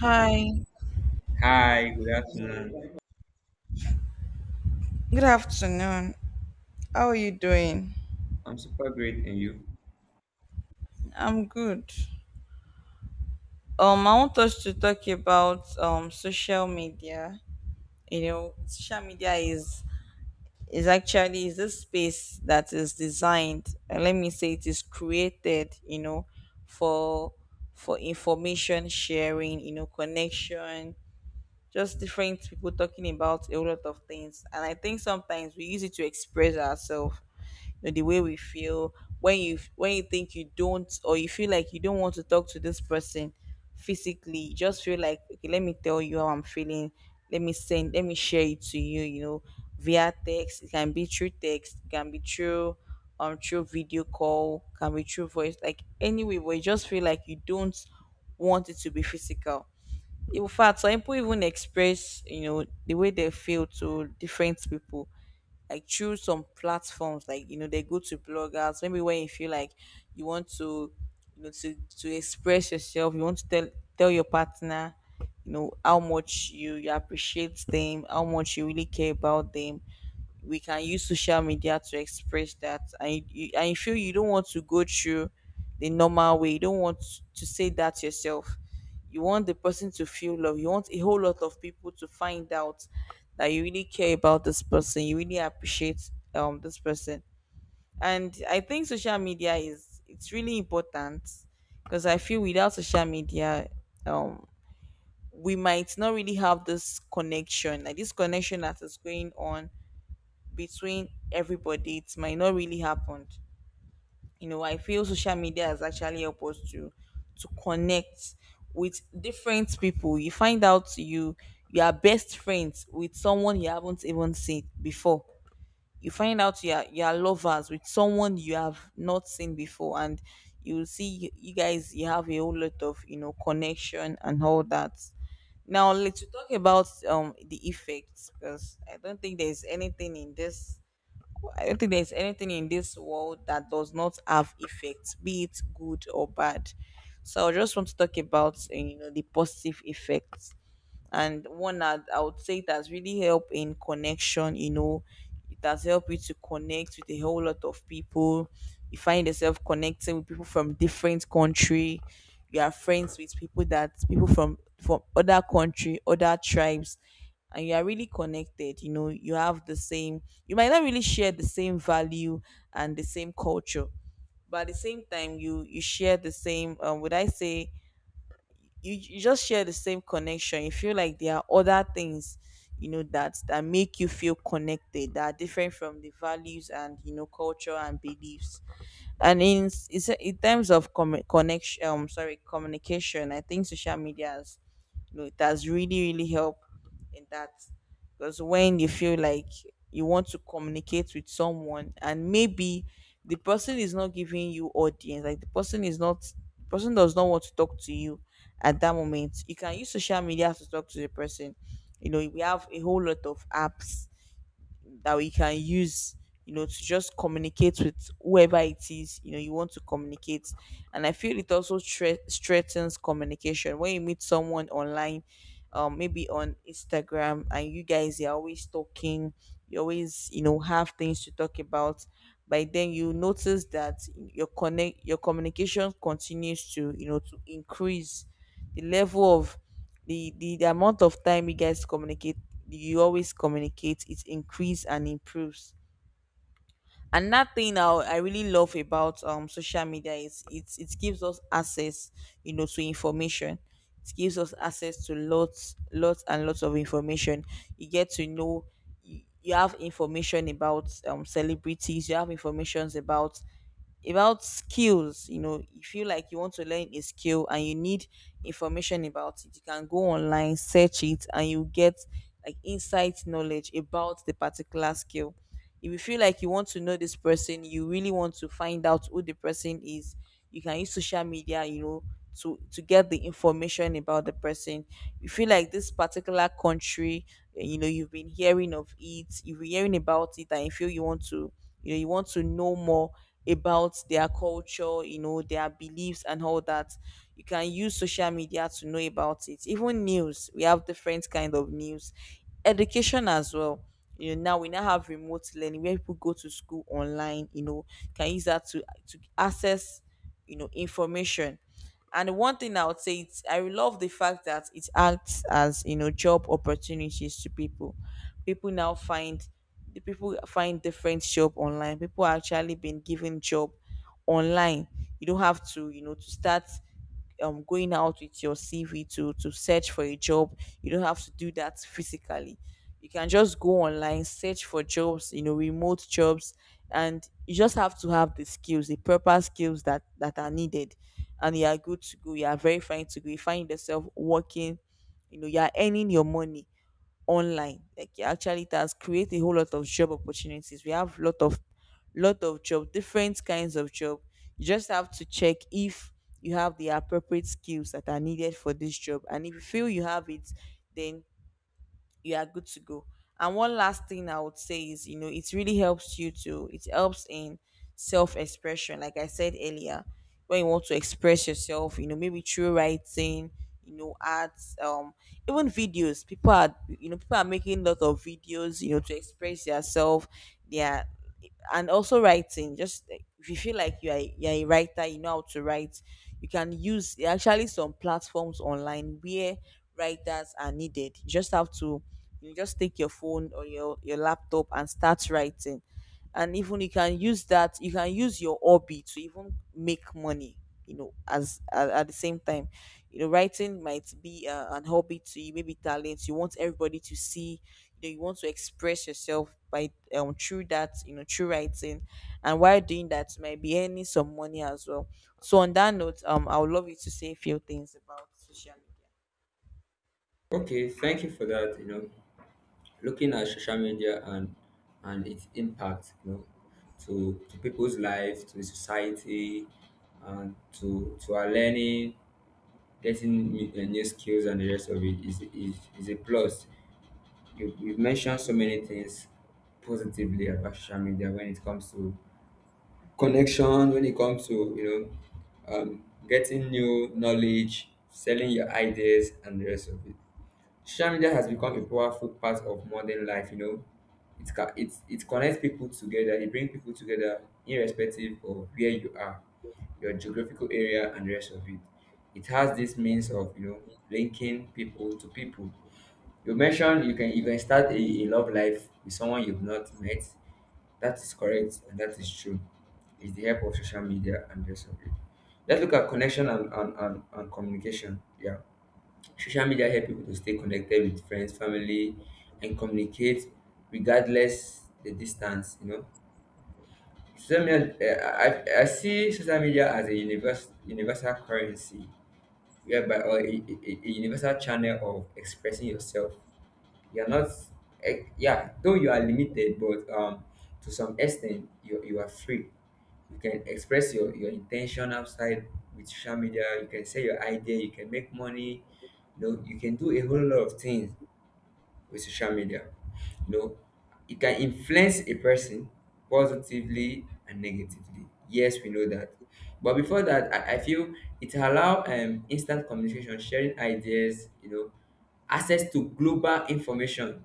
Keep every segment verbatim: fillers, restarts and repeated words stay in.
Hi, Hi, good afternoon. good afternoon. How are you doing? I'm super great, and you? I'm good. Um, I want us to talk about um social media. You know, social media is is actually is a space that is designed, and let me say it is created, you know, for for information sharing, you know, connection, just different people talking about a lot of things. And I think sometimes we use it to express ourselves know, the way we feel when you when you think you don't, or you feel like you don't want to talk to this person physically. You just feel like, okay, let me tell you how I'm feeling, let me send let me share it to you, you know via text. It can be through text, it can be through um through video call, can be through voice, like, anyway, but you just feel like you don't want it to be physical. In fact, some people even express, you know the way they feel to different people, like through some platforms, like, you know they go to bloggers. Maybe when you feel like you want to, you know to to express yourself you want to tell tell your partner you know how much you, you appreciate them, how much you really care about them, we can use social media to express that, and you, you- and you feel you don't want to go through the normal way. You don't want to say that yourself. You want the person to feel love. You want a whole lot of people to find out that you really care about this person, you really appreciate um this person. And I think social media is it's really important, because I feel without social media, um we might not really have this connection. Like, this connection that is going on between everybody, it might not really happen. You know I feel social media has actually helped us to to connect with different people. You find out you you are best friends with someone you haven't even seen before. You find out you are, you are lovers with someone you have not seen before, and you will see you, you guys, you have a whole lot of, you know connection and all that. Now let's talk about um the effects, because I don't think there's anything in this I don't think there's anything in this world that does not have effects, be it good or bad. So I just want to talk about eh, you know the positive effects. And one that I would say, it has really helped in connection. You know, it has helped you to connect with a whole lot of people. You find yourself connecting with people from different country. You are friends with people that people from from other country, other tribes, and you are really connected. You know, you have the same. You might not really share the same value and the same culture, but at the same time, you you share the same. Um, would I say, you, you just share the same connection. You feel like there are other things, you know that that make you feel connected, that are different from the values, and you know culture and beliefs. And in s- it's a- in terms of com- connection, um sorry, communication, I think social media has you know it has really, really helped in that. Because when you feel like you want to communicate with someone, and maybe the person is not giving you audience, like the person is not person does not want to talk to you at that moment, you can use social media to talk to the person. You know, we have a whole lot of apps that we can use, you know to just communicate with whoever it is, you know you want to communicate. And I feel it also stre- strengthens communication. When you meet someone online, um maybe on Instagram, and you guys are always talking, you always, you know have things to talk about. By then you notice that your connect your communication continues to you know to increase, the level of the, the the amount of time you guys communicate, you always communicate, it increase and improves. And that thing I, I really love about um social media is, it it gives us access, you know to information. It gives us access to lots lots and lots of information. You get to know, you, you have information about um celebrities, you have informations about about skills. You know you feel like you want to learn a skill, and you need information about it, you can go online, search it, and you get like insight knowledge about the particular skill. If you feel like you want to know this person, you really want to find out who the person is, you can use social media, you know to to get the information about the person. You feel like this particular country, eh, you know you've been hearing of it you've been hearing about it, and you feel you want to you know you want to know more about their culture, you know their beliefs and all that. You can use social media to know about it. Even news, we have different kind of news, education as well. You know now we now have remote learning, where people go to school online. You know can use that to to access, you know information. And one thing I would say, it's I love the fact that it acts as, you know job opportunities to people. People now find The people find different job online. People are actually been given job online. You don't have to you know to start um going out with your C V to to search for a job. You don't have to do that physically. You can just go online, search for jobs, you know, remote jobs, and you just have to have the skills, the proper skills that that are needed, and you are good to go. You are very fine to go. You find yourself working, you know, you are earning your money online. Like, it actually, it has created a whole lot of job opportunities. We have lot of lot of job, different kinds of job. You just have to check if you have the appropriate skills that are needed for this job, and if you feel you have it, then you are good to go. And one last thing I would say is, you know, it really helps you to. It helps in self expression, like I said earlier, when you want to express yourself, you know, maybe through writing, you know, arts, um, even videos. People are, you know, people are making lot of videos, you know, to express yourself, their and also writing. Just like, if you feel like you are you're a writer, you know how to write. You can use There are actually some platforms online where writers are needed. You just have to you just take your phone or your your laptop and start writing. And even you can use that you can use your hobby to even make money, you know as at, at the same time. You know writing might be uh, an hobby to you, maybe talent you want everybody to see. You know you want to express yourself by um through that you know through writing. And while doing that, you might be earning some money as well. So on that note, um I would love you to say a few things about social media. Okay, thank you for that. You know, looking at social media and and its impact, you know, to to people's life, to the society, and to to our learning, getting new, uh, new skills, and the rest of it is is, is a plus. You, you've mentioned so many things positively about social media when it comes to connection, when it comes to, you know, um, getting new knowledge, selling your ideas, and the rest of it. Social media has become a powerful part of modern life, you know. It ca- it, it connects people together, it brings people together irrespective of where you are, your geographical area and the rest of it. It has this means of, you know, linking people to people. You mentioned you can you can start a, a love life with someone you've not met. That is correct and that is true. It's the help of social media and the rest of it. Let's look at connection and, and, and, and communication. Yeah. Social media help people to stay connected with friends, family, and communicate regardless the distance. You know, social media. Uh, I, I see social media as a universal universal currency, whereby or a, a, a a universal channel of expressing yourself. You're not, eh, yeah, though you are limited, but um to some extent you, you are free. You can express your, your intention outside. With social media, you can sell your idea, you can make money, you know. You can do a whole lot of things with social media, you know. It can influence a person positively and negatively, yes, we know that. But before that, i, I feel it allow, um, instant communication, sharing ideas, you know, access to global information.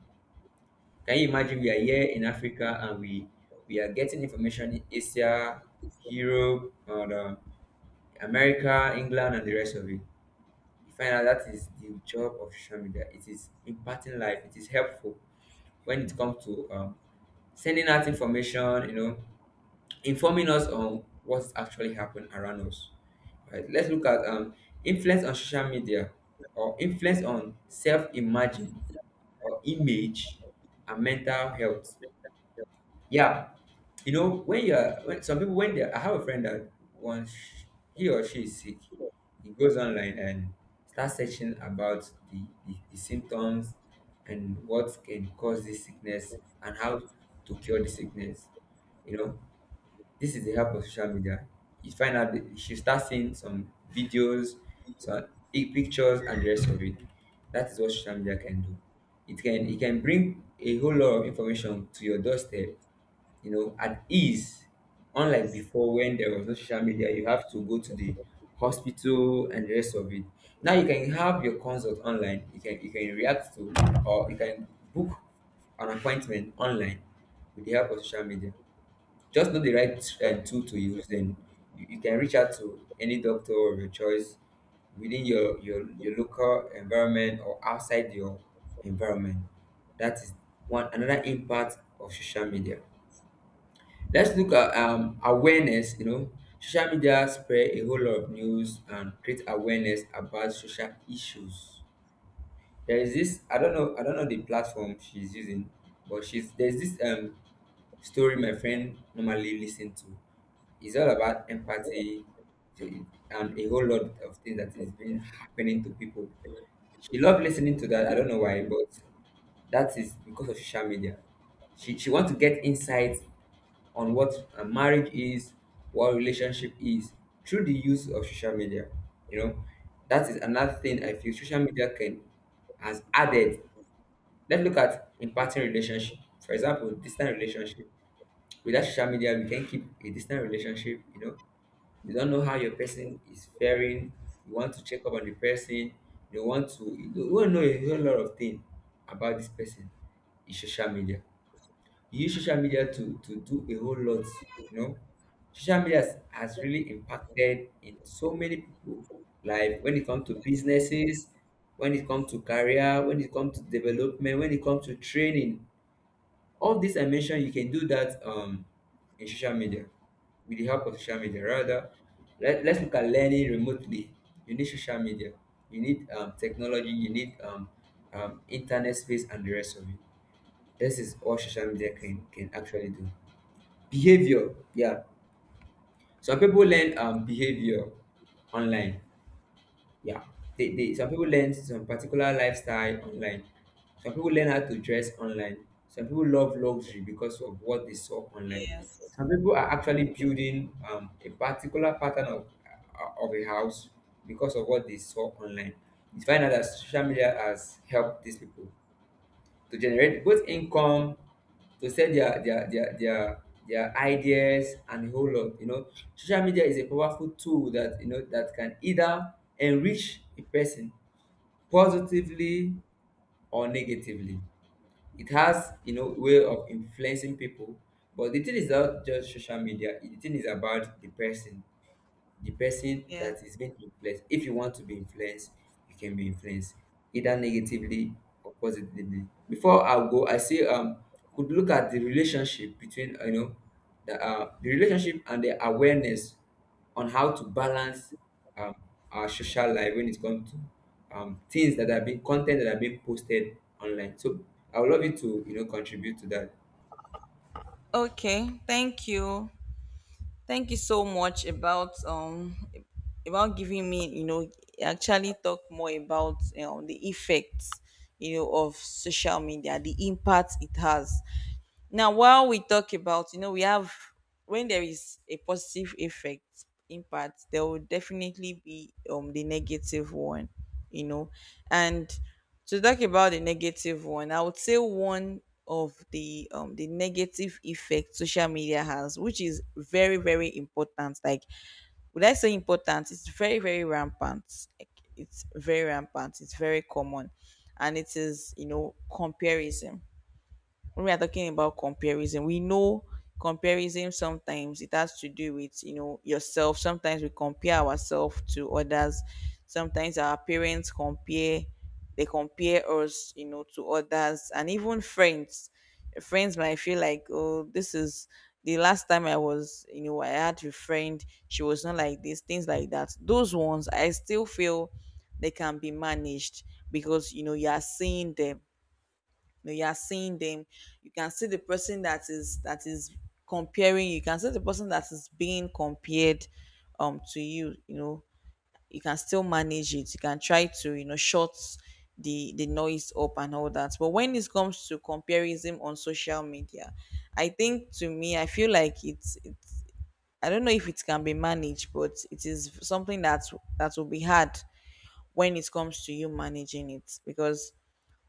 Can you imagine we Yes, are here in Africa and we we are getting information in Asia, Europe, and um, America, England, and the rest of it. You find out that is the job of social media. It is imparting life. It is helpful when it comes to, um, sending out information. You know, informing us on what's actually happened around us. Right. Let's look at, um, influence on social media or influence on self-imagine or image and mental health. Yeah, you know, when you are, when some people, when they, I have a friend that once sh- he or she is sick, he goes online and starts searching about the, the, the symptoms and what can cause this sickness and how to cure the sickness. You know, this is the help of social media. You find out that she starts seeing some videos, some pic- pictures and the rest of it. That is what social media can do. It can it can bring a whole lot of information to your doorstep, you know, at ease. Unlike before, when there was no social media, you have to go to the hospital and the rest of it. Now you can have your consult online. You can, you can react to or you can book an appointment online with the help of social media. Just know the right uh, tool to use, then you, you can reach out to any doctor of your choice within your, your your local environment or outside your environment. That is one another impact of social media. Let's look at, um, awareness. You know, social media spread a whole lot of news and create awareness about social issues. There is this. I don't know. I don't know the platform she's using, but she's there's this um story my friend normally listen to. It's all about empathy, so and a whole lot of things that is been happening to people. She loved listening to that. I don't know why, but that is because of social media. She she wants to get insight on what a marriage is, what relationship is, through the use of social media. You know, that is another thing I feel social media can has added. Let's look at imparting relationship. For example, distant relationship. Without social media, we can keep a distant relationship, you know. You don't know how your person is faring. You want to check up on the person. You want to, you don't- you want to know a whole lot of things about this person. Is social media. You use social media to to do a whole lot, you know. Social media has, has really impacted in so many people life when it comes to businesses, when it comes to career, when it comes to development, when it comes to training. All this I mentioned, you can do that um in social media, with the help of social media rather. Let, let's look at learning remotely. You need social media, you need, um, technology, you need, um, um, internet space and the rest of it. This is all social media can can actually do. Behavior, yeah. Some people learn, um, behavior online. Yeah. they, they Some people learn some particular lifestyle online. Some people learn how to dress online. Some people love luxury because of what they saw online. yes, Some people are actually building, um, a particular pattern of uh, of a house because of what they saw online. You find out that social media has helped these people to generate both income, to sell their their their their their ideas and a whole lot. You know, social media is a powerful tool that, you know, that can either enrich a person positively or negatively. It has, you know, way of influencing people, but the thing is not just social media. The thing is about the person, the person that yes. is being influenced. If you want to be influenced, you can be influenced either negatively or positively. Before I go, I say, um could look at the relationship between, uh, you know, the uh, the relationship and the awareness on how to balance, um, our social life when it comes to, um, things that are being content that are being posted online. So I would love you to, you know, contribute to that. Okay, thank you. Thank you so much about um about giving me, you know actually talk more about, you know, the effects, you know of social media, the impact it has. Now, while we talk about, you know, we have when there is a positive effect impact, there will definitely be um the negative one, you know. And to talk about the negative one, I would say one of the um the negative effect social media has, which is very, very important. Like, would I say important? It's very, very rampant. Like, it's very rampant, it's very common. And it is, you know, comparison. When we are talking about comparison, we know comparison sometimes it has to do with you know yourself. Sometimes we compare ourselves to others. Sometimes our parents compare they compare us, you know, to others, and even friends. Friends might feel like, oh, this is the last time I was, you know, I had a friend, she was not like this, things like that. Those ones I still feel they can be managed because you know you are seeing them know you are seeing them you can see the person that is that is comparing. You can see the person that is being compared um to you, you know, you can still manage it. You can try to, you know, shut the the noise up and all that. But when it comes to comparison on social media, I think, to me, I feel like it's, it's I don't know if it can be managed, but it is something that that will be hard when it comes to you managing it. Because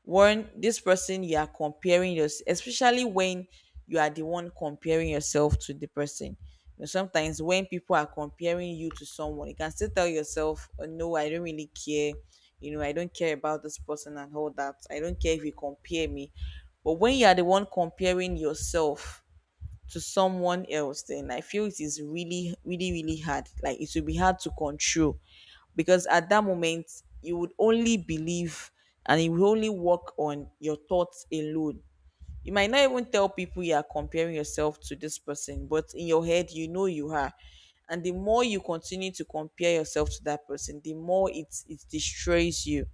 when this person you are comparing yourself, especially when you are the one comparing yourself to the person. You know, sometimes when people are comparing you to someone, you can still tell yourself, oh, no, I don't really care. You know, I don't care about this person and all that. I don't care if you compare me. But when you are the one comparing yourself to someone else, then I feel it is really, really, really hard. Like it will be hard to control, because at that moment you would only believe, and you will only work on your thoughts alone. You might not even tell people you are comparing yourself to this person, but in your head, you know you are. And the more you continue to compare yourself to that person, the more it it destroys you.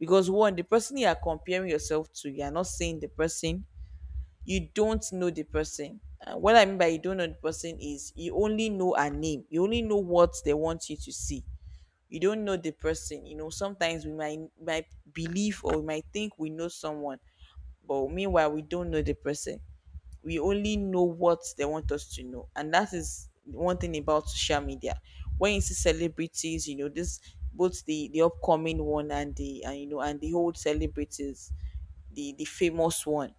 Because one, the person you are comparing yourself to, you are not seeing the person, you don't know the person. Uh, what I mean by you don't know the person is you only know a name. You only know what they want you to see. You don't know the person. You know, sometimes we might might believe, or we might think we know someone, but meanwhile we don't know the person. We only know what they want us to know, and that is one thing about social media. When you see celebrities, you know, this both the the upcoming one and the and you know, and the old celebrities, the the famous one,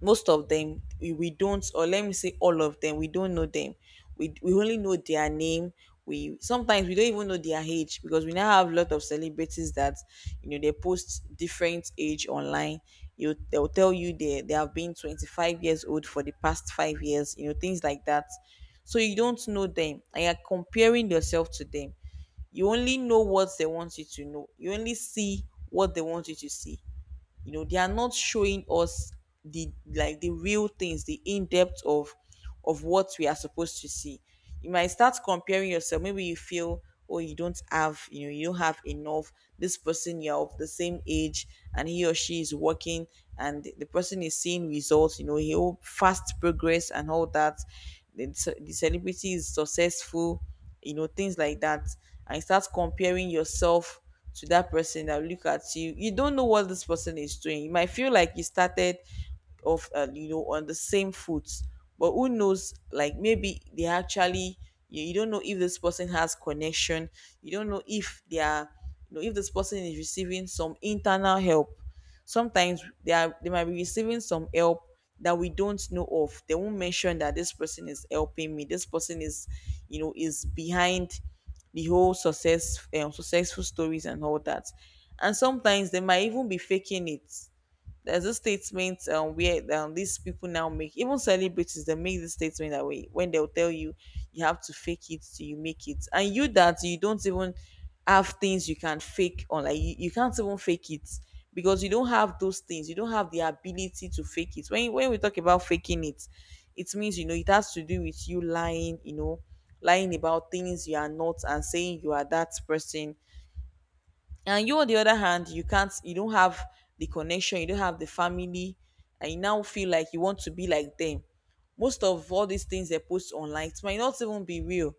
most of them we, we don't, or let me say, all of them we don't know them. We, we only know their name. We sometimes we don't even know their age, because we now have a lot of celebrities that, you know, they post different age online. You they'll tell you they they have been twenty-five years old for the past five years, you know, things like that. So you don't know them and you're comparing yourself to them. You only know what they want you to know, you only see what they want you to see. You know, they are not showing us the, like, the real things, the in-depth of of what we are supposed to see. You might start comparing yourself. Maybe you feel, oh, you don't have, you know, you don't have enough. This person, you're of the same age, and he or she is working, and the the person is seeing results. You know, he'll fast progress and all that. The, ce- the celebrity is successful, you know, things like that. And you start comparing yourself to that person. That will look at you, you don't know what this person is doing. You might feel like you started off, uh, you know, on the same foot, but who knows, like, maybe they actually you, you don't know if this person has connection. You don't know if they are, you know, if this person is receiving some internal help. Sometimes they are, they might be receiving some help that we don't know of. They won't mention that this person is helping me, this person is, you know, is behind the whole success, um, successful stories and all that. And sometimes they might even be faking it. There's this statement um, where um, these people now make, even celebrities, they make this statement, that way when they'll tell you, you have to fake it till you make it. And you that you don't even have things you can fake on. Like you, you can't even fake it, because you don't have those things. You don't have the ability to fake it. When when we talk about faking it, it means, you know, it has to do with you lying, you know, lying about things you are not and saying you are that person. And you, on the other hand, you can't, you don't have the connection, you don't have the family. And you now feel like you want to be like them. Most of all these things they post online, it might not even be real.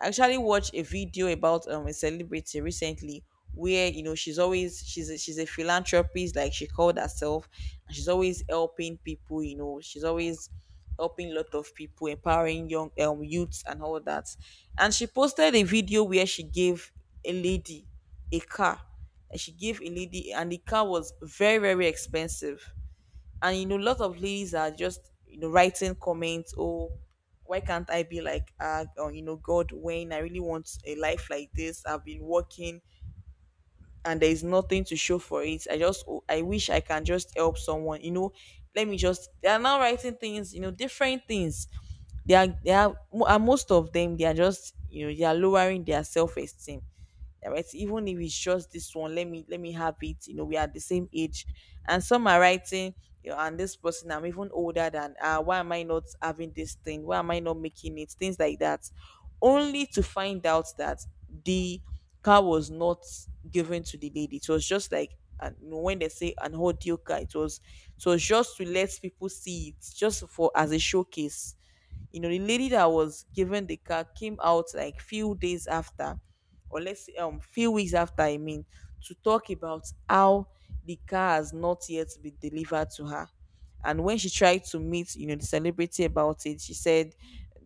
I actually watched a video about um a celebrity recently, where, you know, she's always she's a, she's a philanthropist, like she called herself. And she's always helping people. You know, she's always helping a lot of people, empowering young um youths and all that. And she posted a video where she gave a lady a car. And she gave a lady, and the car was very, very expensive. And you know, lots of ladies are just, you know, writing comments, oh, why can't I be like, uh, or, you know, god, when I really want a life like this, I've been working and there is nothing to show for it. I just, oh, I wish I can just help someone. You know, let me just, they are now writing things, you know, different things. They are they are mo- and most of them, they are just, you know, they are lowering their self-esteem. All right, even if it's just this one, let me let me have it. You know, we are the same age. And some are writing, you know, and this person I'm even older than. Uh, why am I not having this thing? Why am I not making it? Things like that. Only to find out that the car was not given to the lady. It was just like, and when they say an audio car, it was, so just to let people see it, just for as a showcase. You know, the lady that was given the car came out like few days after, or let's say um few weeks after, I mean, to talk about how the car has not yet been delivered to her. And when she tried to meet, you know, the celebrity about it, she said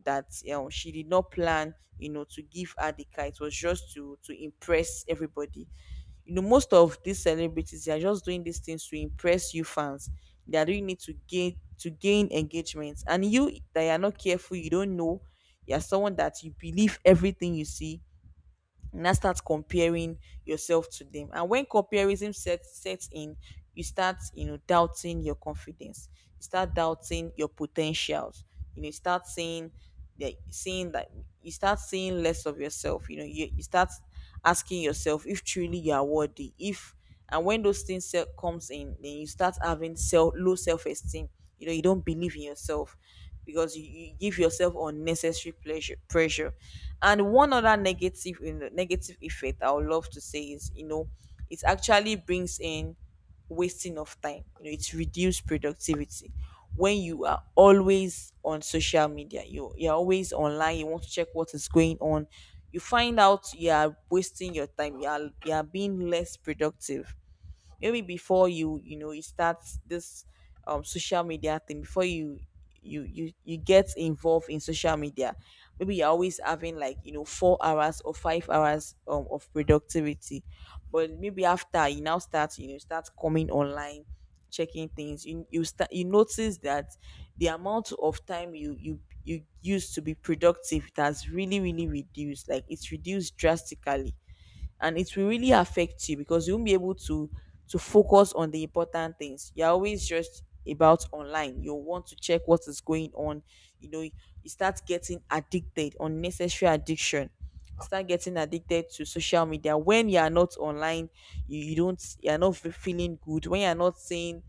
that, you know, she did not plan, you know, to give her the car. It was just to to impress everybody. You know, most of these celebrities, they are just doing these things to impress you fans. They are doing it to gain to gain engagement. And you that you are not careful, you don't know, you're someone that you believe everything you see, and now start comparing yourself to them. And when comparison sets sets in, you start, you know, doubting your confidence, you start doubting your potentials. You know, you start saying that seeing that you start seeing less of yourself. You know, you, you start asking yourself if truly you are worthy. If, and when those things se- comes in, then you start having self low self-esteem. You know, you don't believe in yourself, because you, you give yourself unnecessary pleasure pressure. And one other negative in negative effect I would love to say is, you know, it actually brings in wasting of time. You know, it's reduced productivity. When you are always on social media, you, you're always online, you want to check what is going on. You find out you are wasting your time. You are, you are being less productive. Maybe before you, you know, you start this um social media thing, before you you you you get involved in social media, maybe you're always having, like, you know, four hours or five hours um, of productivity. But maybe after, you now start, you know, start coming online, checking things, you you start, you notice that the amount of time you you you used to be productive, it has really, really reduced. Like, it's reduced drastically. And it will really affect you, because you won't be able to to focus on the important things. You're always just about online, you want to check what is going on. You know, you start getting addicted, unnecessary addiction, start getting addicted to social media. When you are not online, you, you don't, you're not fe- feeling good. When you're not seeing,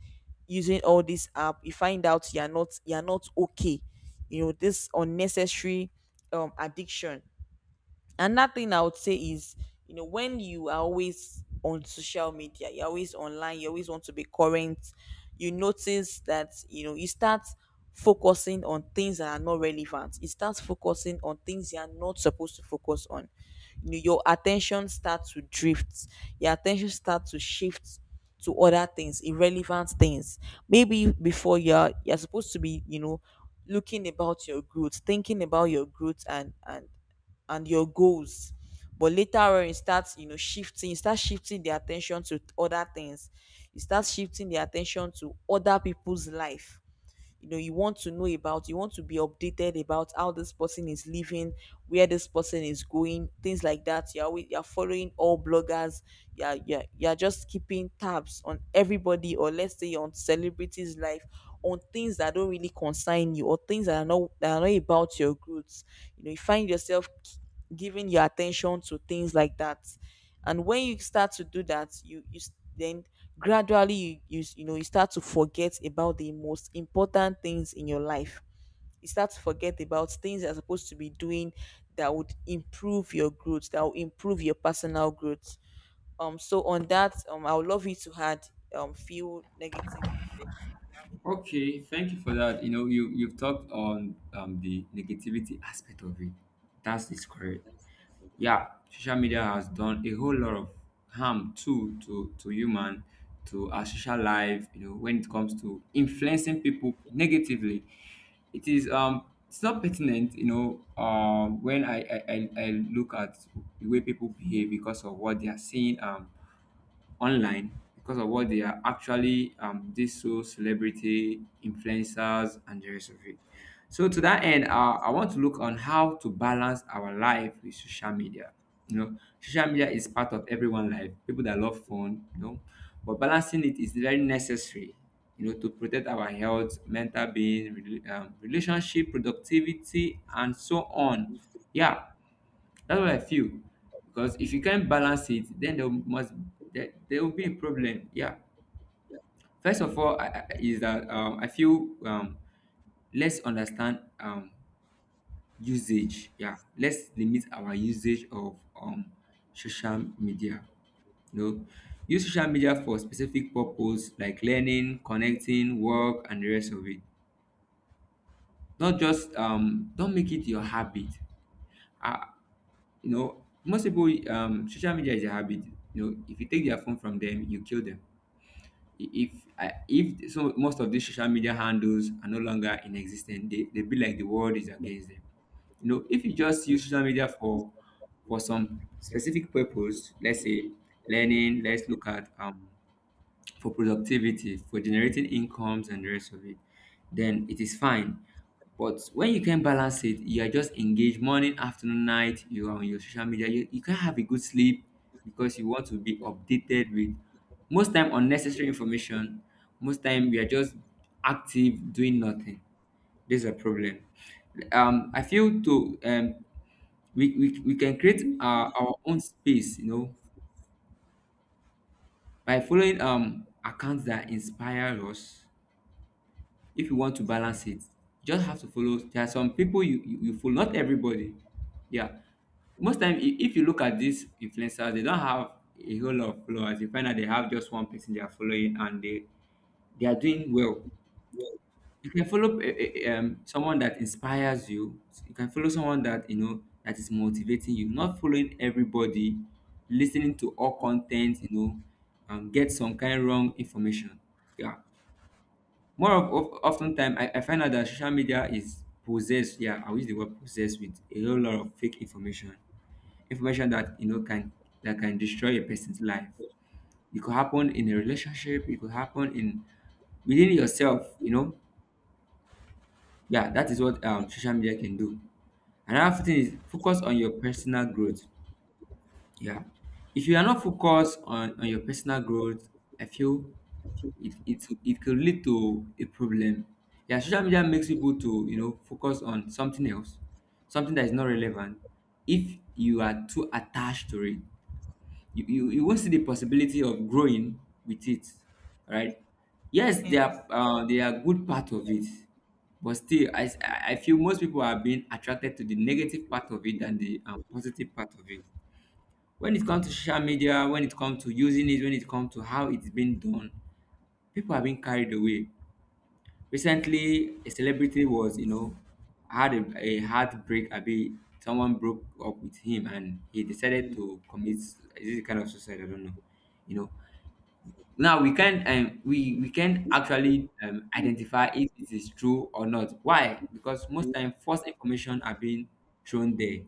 using all this app, you find out you're not, you're not okay. You know, this unnecessary um addiction. Another thing I would say is, you know, when you are always on social media, you're always online, you always want to be current. You notice that, you know, you start focusing on things that are not relevant. You start focusing on things you are not supposed to focus on. You know, your attention starts to drift, your attention starts to shift to other things, irrelevant things. Maybe before you're you're supposed to be, you know, looking about your growth, thinking about your growth and and and your goals, but later on you start you know shifting you start shifting the attention to other things. You start shifting the attention to other people's life. You know, you want to know about, you want to be updated about how this person is living, where this person is going, things like that. You're always, you're following all bloggers. You're, you're you're just keeping tabs on everybody, or let's say on celebrities life, on things that don't really concern you, or things that are not that are not about your growth. You know, you find yourself k- giving your attention to things like that. And when you start to do that, you you s- then gradually, you, you s- you know you start to forget about the most important things in your life. You start to forget about things you're supposed to be doing that would improve your growth, that will improve your personal growth. Um so on that, um I would love you to add um few negative effects. Okay, thank you for that. You know, you you've talked on, um, the negativity aspect of it. That's is correct. Yeah, social media has done a whole lot of harm too to to human, to our social life. You know, when it comes to influencing people negatively, it is um it's not pertinent. You know, um when I, I, I I look at the way people behave because of what they are seeing. Um, online, because of what they are actually, um these so celebrity influencers and the rest of it. So to that end, uh, I want to look on how to balance our life with social media. You know, social media is part of everyone life, people that love phone, you know. But balancing it is very necessary, you know, to protect our health, mental being, rela- um, relationship, productivity, and so on. Yeah, that's what I feel. Because if you can't balance it, then there must, there, there will be a problem. Yeah. First of all, I, I, is that, um, I feel, um, let's understand, um, usage. Yeah. Let's limit our usage of, um, social media. You know, use social media for specific purpose like learning, connecting, work, and the rest of it. Not just, um, don't make it your habit. I, You know, most people, um, social media is a habit. You know, if you take their phone from them, you kill them. I- If I- if so, most of these social media handles are no longer in existence. They they be like the world is against them. You know, if you just use social media for for some specific purpose, let's say learning, let's look at um for productivity, for generating incomes and the rest of it, then it is fine. But when you can balance it, you are just engaged morning, afternoon, night, you are on your social media, you, you can't have a good sleep because you want to be updated with most time unnecessary information. Most time we are just active doing nothing. This is a problem. Um, I feel to, um, we, we, we can create our, our own space, you know, by following um accounts that inspire us. If you want to Yes. balance it, you just have to follow. There are some people you, you, you follow, not everybody. Yeah. Most time, i- if you look at these influencers, they don't have a whole lot of followers. You find that they have just one person they are following and they, they are doing well. You can follow eh, eh, eh, um, someone that inspires you. You can follow someone that, you know, that is motivating you. Not following everybody, listening to all content, you know, and get some kind wrong information. Yeah. More of, of often time, I, I find out that social media is possessed. Yeah, I'll use the word possessed with a whole lot of fake information, information that you know can that can destroy a person's life. It could happen in a relationship. It could happen in within yourself. You know, yeah, that is what um, social media can do. Another thing is focus on your personal growth. Yeah. If you are not focused on, on your personal growth, I feel it, it it could lead to a problem. Yeah, social media makes people to you know focus on something else, something that is not relevant. If you are too attached to it, you, you, you won't see the possibility of growing with it. Right? Yes, they Yes. are uh, they are good part of it, but still, I, I I feel most people are being attracted to the negative part of it than the um, positive part of it when it comes to social media, when it comes to using it, when it comes to how it's been done, people have been carried away. Recently, a celebrity was, you know, had a, a heartbreak. I be someone broke up with him, and he decided to commit. Is it kind of suicide? I don't know. You know, now we can't um we we can actually um identify if it is true or not. Why? Because most time false information are being thrown there.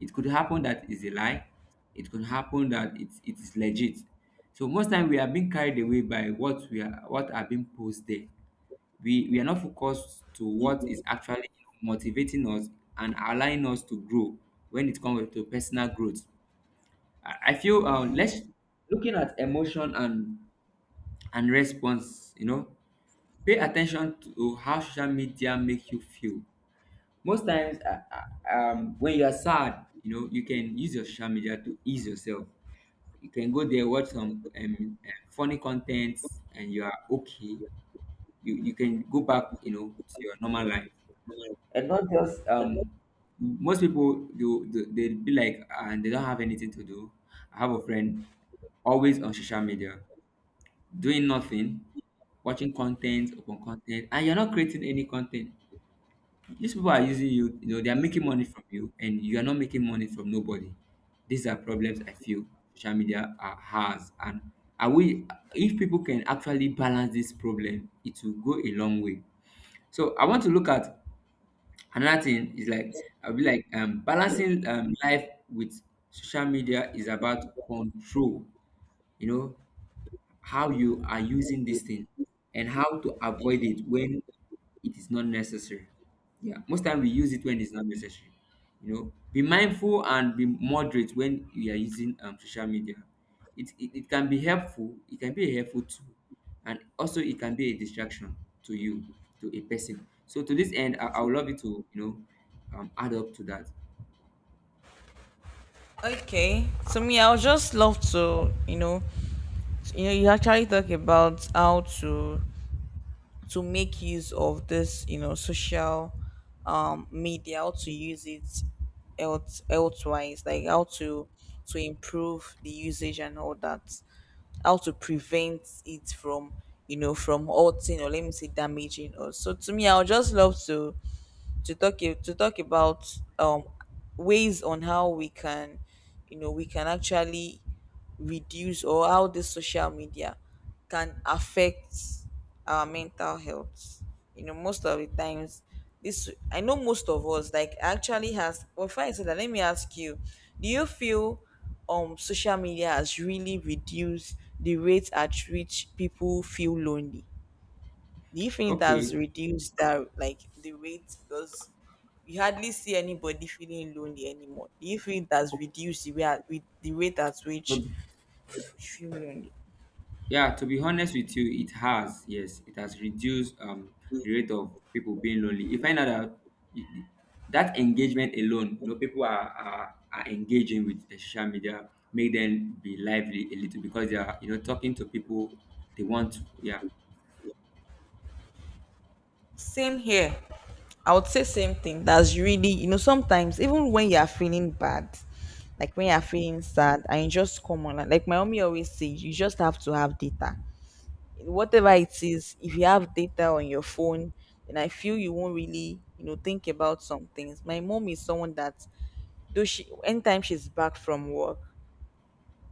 It could happen that it's a lie. It could happen that it, it is legit. So most time we are being carried away by what we are what are being posted there. we we are not focused to what is actually motivating us and allowing us to grow when it comes to personal growth. I, I feel uh, let's Yes. looking at emotion and and response, you know pay attention to how social media make you feel. Most times uh, uh, um, when you are sad, you know you can use your social media to ease yourself. You can go there, watch some um, uh, funny contents, and you are okay. You, you can go back, you know to your normal life, and not just um most people do. They, they be like, and they don't have anything to do. I have a friend always on social media doing nothing, watching content upon content, and you're not creating any content. These people are using you, you know, they are making money from you, and you are not making money from nobody. These are problems I feel social media uh, has, and are we? If people can actually balance this problem, it will go a long way. So I want to look at another thing. Is like I'll be like um, balancing um, life with social media is about control. You know, how you are using this thing and how to avoid it when it is not necessary. Yeah, most time we use it when it's not necessary. You know, be mindful and be moderate when you are using um, social media. It, it, it can be helpful, it can be a helpful tool, and also it can be a distraction to you, to a person. So to this end, I, I would love you to, you know, um, add up to that. Okay, so me, I would just love to, you know you know you actually talk about how to to make use of this, you know, social um media, how to use it else elsewise, like how to to improve the usage and all that, how to prevent it from, you know, from hurting, or let me say damaging us. So to me, I would just love to to talk a- to talk about, um ways on how we can, you know, we can actually reduce, or how this social media can affect our mental health. You know, most of the times, this I know most of us like actually has, well, before I say that, let me ask you, do you feel um social media has really reduced the rate at which people feel lonely? Do you think it has Okay, reduced that, like the rate? Because you hardly see anybody feeling lonely anymore. Do you think it has reduced the way at, with the rate at which you feel lonely? yeah, to be honest with you, it has. Yes, it has reduced um, the rate of people being lonely. You find out that you- that engagement alone, you know, people are, are, are engaging with uh, social media, make them be lively a little because they are, you know, talking to people they want to. Yeah, Same here. I would say same thing. That's really, you know, sometimes even when you are feeling bad, like when you are feeling sad and you just come on, like my mommy always says, you just have to have data. Whatever it is, if you have data on your phone, then I feel you won't really, you know, think about some things. My mom is someone that, though she, anytime she's back from work,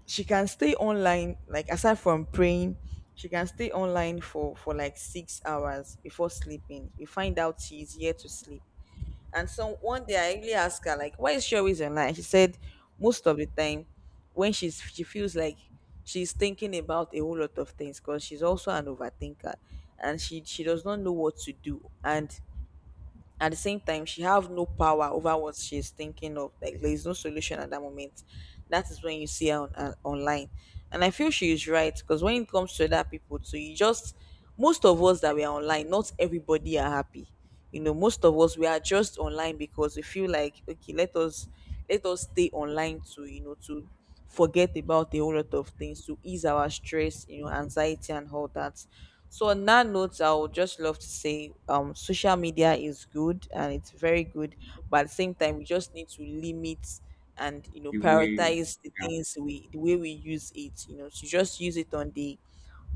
she can stay online. Like aside from praying, she can stay online for for like six hours before sleeping. You find out she's here to sleep. And so one day I really asked her, like, why is she always online? She said most of the time, when she's she feels like she's thinking about a whole lot of things because she's also an overthinker, and she she does not know what to do, and at the same time she have no power over what she's thinking of, like there is no solution at that moment. That is when you see her on, uh, online. And I feel she is right, because when it comes to other people, so you just, most of us that we are online, not everybody are happy. You know, most of us, we are just online because we feel like, okay, let us let us stay online to, you know, to forget about a whole lot of things, to ease our stress, you know, anxiety and all that. So on that note, I would just love to say, um social media is good and it's very good, but at the same time we just need to limit and, you know, the way. prioritize the Yeah, things we, the way we use it, you know, to just use it on the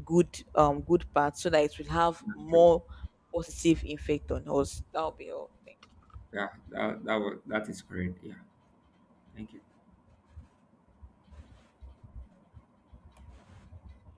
good, um good part, so that it will have that's true. more positive effect on us. That'll be all. Thank Yeah, that, that, was, that is correct. Yeah, thank you.